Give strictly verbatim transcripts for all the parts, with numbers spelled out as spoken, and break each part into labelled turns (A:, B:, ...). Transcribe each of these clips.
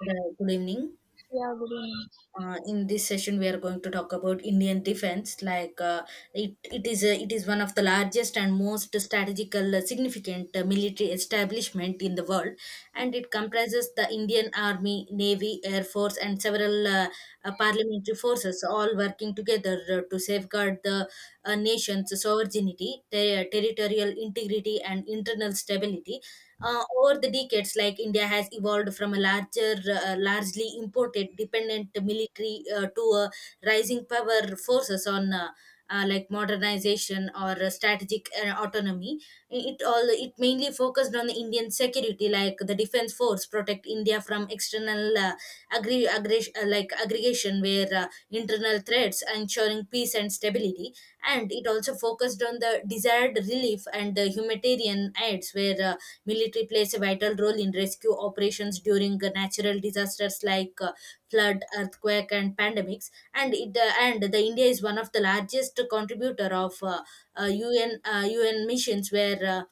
A: Right, good evening.
B: Yeah, good evening.
A: Uh, in this session, we are going to talk about Indian defense. Like uh, it, it is a, it is one of the largest and most strategical uh, significant uh, military establishment in the world, and it comprises the Indian Army, Navy, Air Force, and several uh, uh, parliamentary forces, all working together uh, to safeguard the uh, nation's sovereignty, ter- territorial integrity, and internal stability uh, over the decades, like india has evolved from a larger uh, largely imported dependent military uh, to a rising power forces on uh, uh, like modernization or uh, strategic uh, autonomy. It all it mainly focused on the indian security, like the defense force protect india from external uh, agri- aggres- uh, like aggregation, where uh, internal threats ensuring peace and stability. And it also focused on the desired relief and uh, humanitarian aids, where uh, military plays a vital role in rescue operations during uh, natural disasters like uh, flood, earthquake, and pandemics. And it uh, and the India is one of the largest contributor of uh, uh, U N uh, U N missions where. Uh,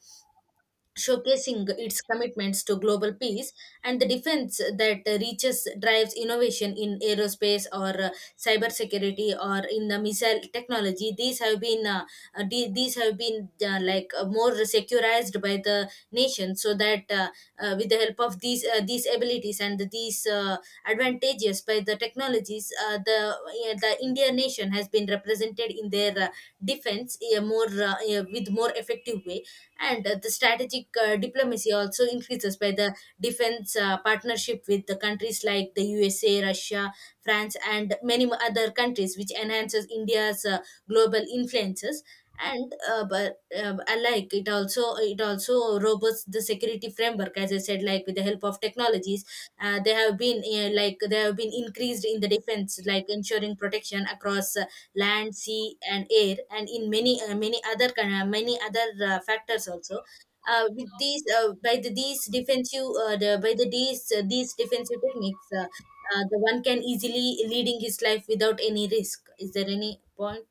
A: Showcasing its commitments to global peace and the defense that reaches drives innovation in aerospace or uh, cybersecurity or in the missile technology. These have been uh, uh, the- these have been uh, like uh, more securized by the nation, so that uh, uh, with the help of these uh, these abilities and these uh, advantages by the technologies, uh, the uh, the Indian nation has been represented in their uh, defense uh, more uh, uh, with more effective way. And uh, the strategic uh, diplomacy also increases by the defense uh, partnership with the countries like the U S A, Russia, France, and many mo- other countries, which enhances India's uh, global influences. And uh, but uh, alike, it also it also robust the security framework, as I said, like with the help of technologies, uh, they have been uh, like they have been increased in the defense, like ensuring protection across uh, land sea and air, and in many uh, many other kind of- many other uh, factors also. Uh, with these uh, by the these defensive uh, the, by the these uh, these defensive techniques, uh, uh, the one can easily leading his life without any risk. Is there any point?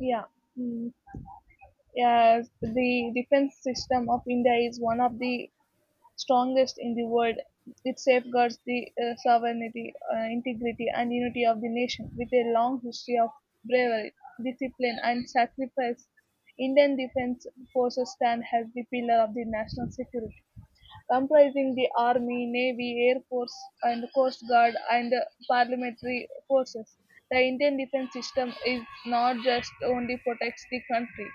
B: Yeah. Mm. Yes, the defense system of India is one of the strongest in the world. It safeguards the uh, sovereignty, uh, integrity, and unity of the nation with a long history of bravery, discipline, and sacrifice. Indian defense forces stand as the pillar of the national security, comprising the Army, Navy, Air Force and Coast Guard and Parliamentary Forces. The Indian defense system is not just only protects the country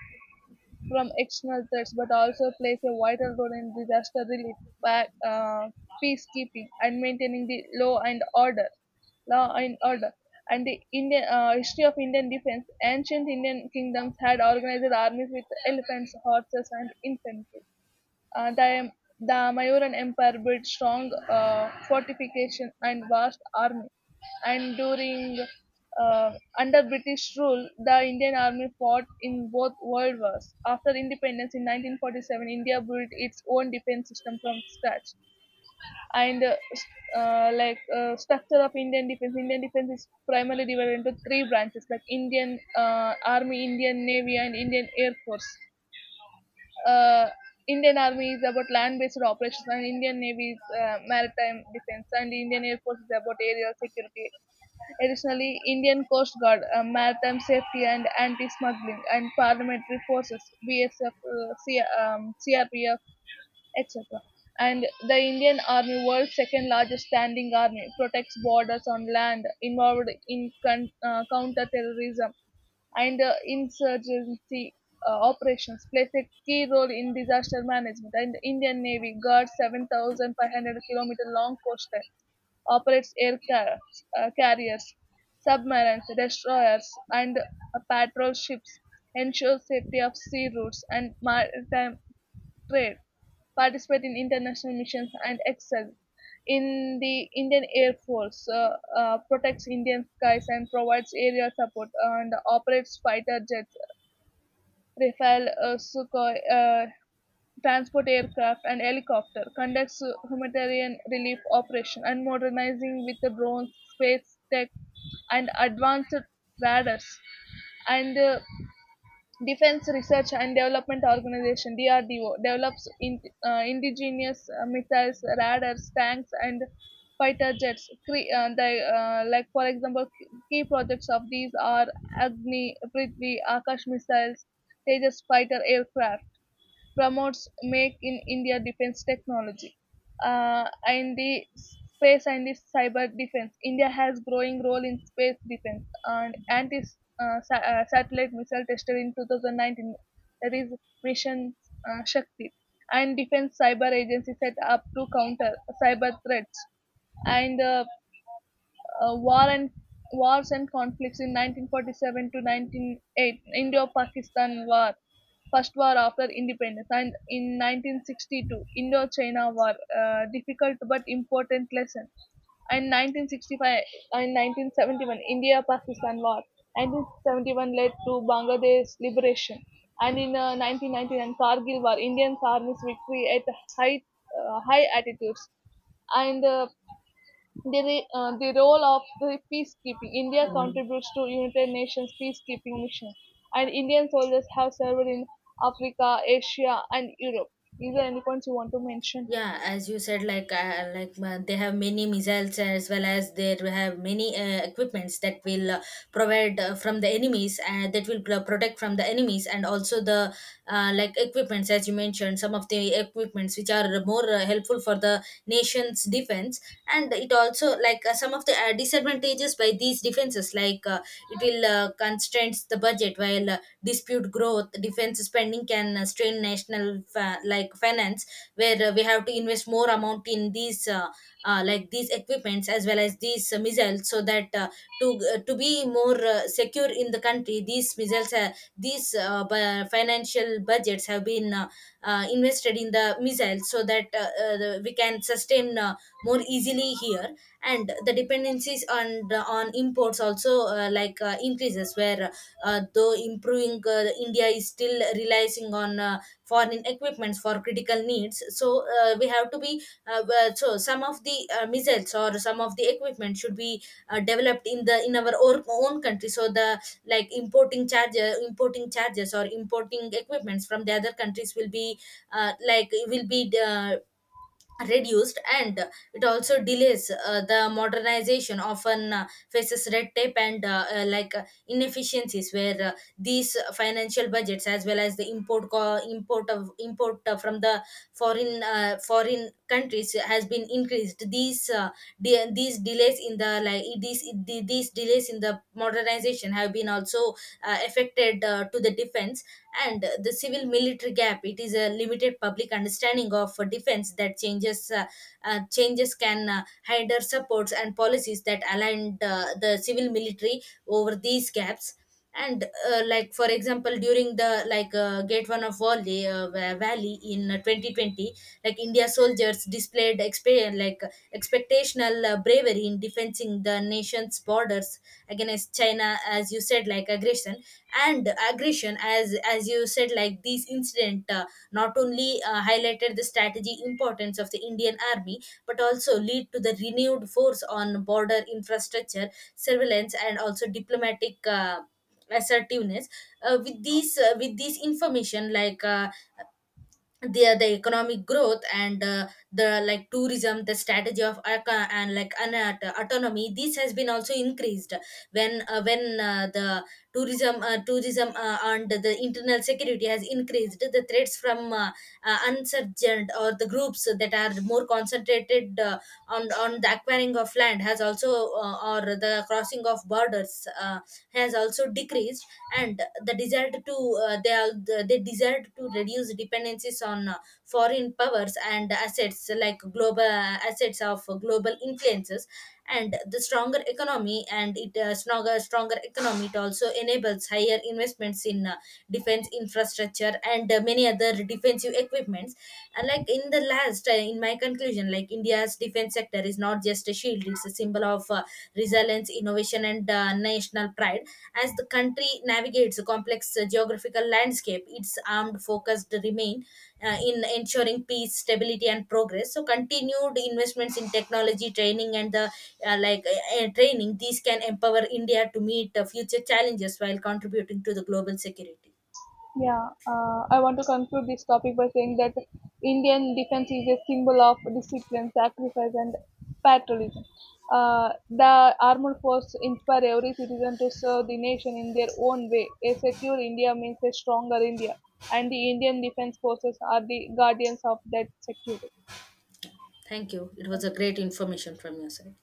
B: from external threats but also plays a vital role in disaster relief, pa- uh, peacekeeping and maintaining the law and order law and order. And the Indian uh, history of Indian defense, ancient Indian kingdoms had organized armies with elephants, horses, and infantry. Uh, the, the Mayuran Empire built strong uh, fortification and vast army. And during uh, under British rule, the Indian army fought in both world wars. After independence in nineteen forty-seven, India built its own defense system from scratch. And uh, s- uh, like uh, Structure of Indian defense: Indian defense is primarily divided into three branches, like Indian uh, Army, Indian Navy, and Indian Air Force. Uh, Indian Army is about land-based operations, and Indian Navy is uh, maritime defense, and Indian Air Force is about aerial security. Additionally, Indian Coast Guard, uh, maritime safety and anti-smuggling, and parliamentary forces (B S F, uh, C- um, C R P F, et cetera). And the Indian Army, world's second largest standing army, protects borders on land, involved in con- uh, counter-terrorism and uh, insurgency uh, operations, plays a key role in disaster management. And the Indian Navy guards seven thousand five hundred kilometer long coastline, operates aircraft uh, carriers, submarines, destroyers, and uh, patrol ships, ensures safety of sea routes and maritime trade, participate in international missions, and excel in the Indian Air Force, uh, uh, protects Indian skies and provides aerial support, and operates fighter jets, Rafale, uh, Sukhoi, uh, transport aircraft and helicopter, conducts uh, humanitarian relief operation, and modernizing with the drones, space tech, and advanced radars. And uh, Defense Research and Development Organization (D R D O) develops in, uh, indigenous uh, missiles, radars, tanks, and fighter jets. Cre- uh, they, uh, like for example, key projects of these are Agni, Prithvi, Akash missiles, Tejas fighter aircraft, promotes Make in India defense technology. Uh, and the space and the cyber defense: India has growing role in space defense and anti uh, sa- uh, satellite missile tested in two thousand nineteen. That is Mission uh, Shakti. And defense cyber agency set up to counter cyber threats. And uh, uh, War and wars and conflicts in nineteen forty-seven to one ninety-eight Indo-Pakistan War, first war after independence, and in nineteen sixty-two Indo-China War, uh, difficult but important lesson. And nineteen sixty-five and nineteen seventy-one India-Pakistan War. nineteen seventy-one led to Bangladesh liberation, and in uh, nineteen ninety-nine Kargil War, Indian Army's victory at high uh, high altitudes. and uh, the, re- uh, the role of the peacekeeping: India contributes to United Nations peacekeeping mission, and Indian soldiers have served in Africa, Asia, and Europe. Is there any points you want to mention?
A: Yeah, as you said, like uh, like uh, they have many missiles, as well as they have many uh, equipments that will uh, provide uh, from the enemies, and that will pro- protect from the enemies, and also the uh, like equipments, as you mentioned, some of the equipments which are more uh, helpful for the nation's defense. And it also like uh, some of the uh, disadvantages by these defenses, like uh, it will uh, constrains the budget, while uh, dispute growth defense spending can uh, strain national fa- like finance, where uh, we have to invest more amount in these uh, uh, like these equipments, as well as these uh, missiles, so that uh, to uh, to be more uh, secure in the country. These missiles, uh, these uh, bu- financial budgets have been uh, uh, invested in the missiles, so that uh, uh, the- we can sustain uh, more easily here. And the dependencies on the- on imports also uh, like uh, increases, where uh, though improving, uh, india is still relying on uh, foreign equipments for critical needs. So uh, we have to be uh, well, so some of the uh, missiles or some of the equipment should be uh, developed in the in our own, own country, so the like importing charges importing charges or importing equipments from the other countries will be uh, like will be uh, reduced. And it also delays uh, the modernization, often uh, faces red tape and uh, uh, like uh, inefficiencies, where uh, these financial budgets as well as the import co- import of import uh, from the foreign uh, foreign countries has been increased. These uh, de- these delays in the like these these delays in the modernization have been also uh, affected uh, to the defense. And uh, the civil military gap, it is a limited public understanding of uh, defense that changes uh, uh, changes can uh, hinder supports and policies that aligned uh, the civil military over these gaps. And uh, like for example, during the like uh, gate one of valley uh, Va- valley in uh, twenty twenty, like india soldiers displayed experience like uh, expectational uh, bravery in defending the nation's borders against china, as you said, like aggression and aggression. as as you said, like this incident uh, not only uh, highlighted the strategy importance of the indian army, but also lead to the renewed force on border infrastructure surveillance, and also diplomatic uh, assertiveness. Uh, with these uh, with these information, like uh, the the economic growth and uh, the like tourism, the strategy of arca and like an aut- autonomy, this has been also increased. When uh, when uh, the tourism uh, tourism uh, and the internal security has increased, the threats from uh, uh, insurgent or the groups that are more concentrated uh, on on the acquiring of land has also uh, or the crossing of borders uh, has also decreased. And the desire to uh, they are they desired to reduce dependencies on uh, foreign powers and assets, like global assets of global influences. And the stronger economy, and it uh, stronger stronger economy, it also enables higher investments in uh, defense infrastructure and uh, many other defensive equipments. And like in the last, uh, in my conclusion, like India's defense sector is not just a shield; it's a symbol of uh, resilience, innovation, and uh, national pride. As the country navigates a complex uh, geographical landscape, its armed focus remain uh, in ensuring peace, stability, and progress. So, continued investments in technology, training, and the uh, like uh, uh, training, these can empower India to meet uh, future challenges while contributing to the global security.
B: Yeah, uh, I want to conclude this topic by saying that Indian defense is a symbol of discipline, sacrifice, and patriotism. Uh, the armed force inspire every citizen to serve the nation in their own way. A secure India means a stronger India, and the Indian defense forces are the guardians of that security.
A: Thank you. It was a great information from your side.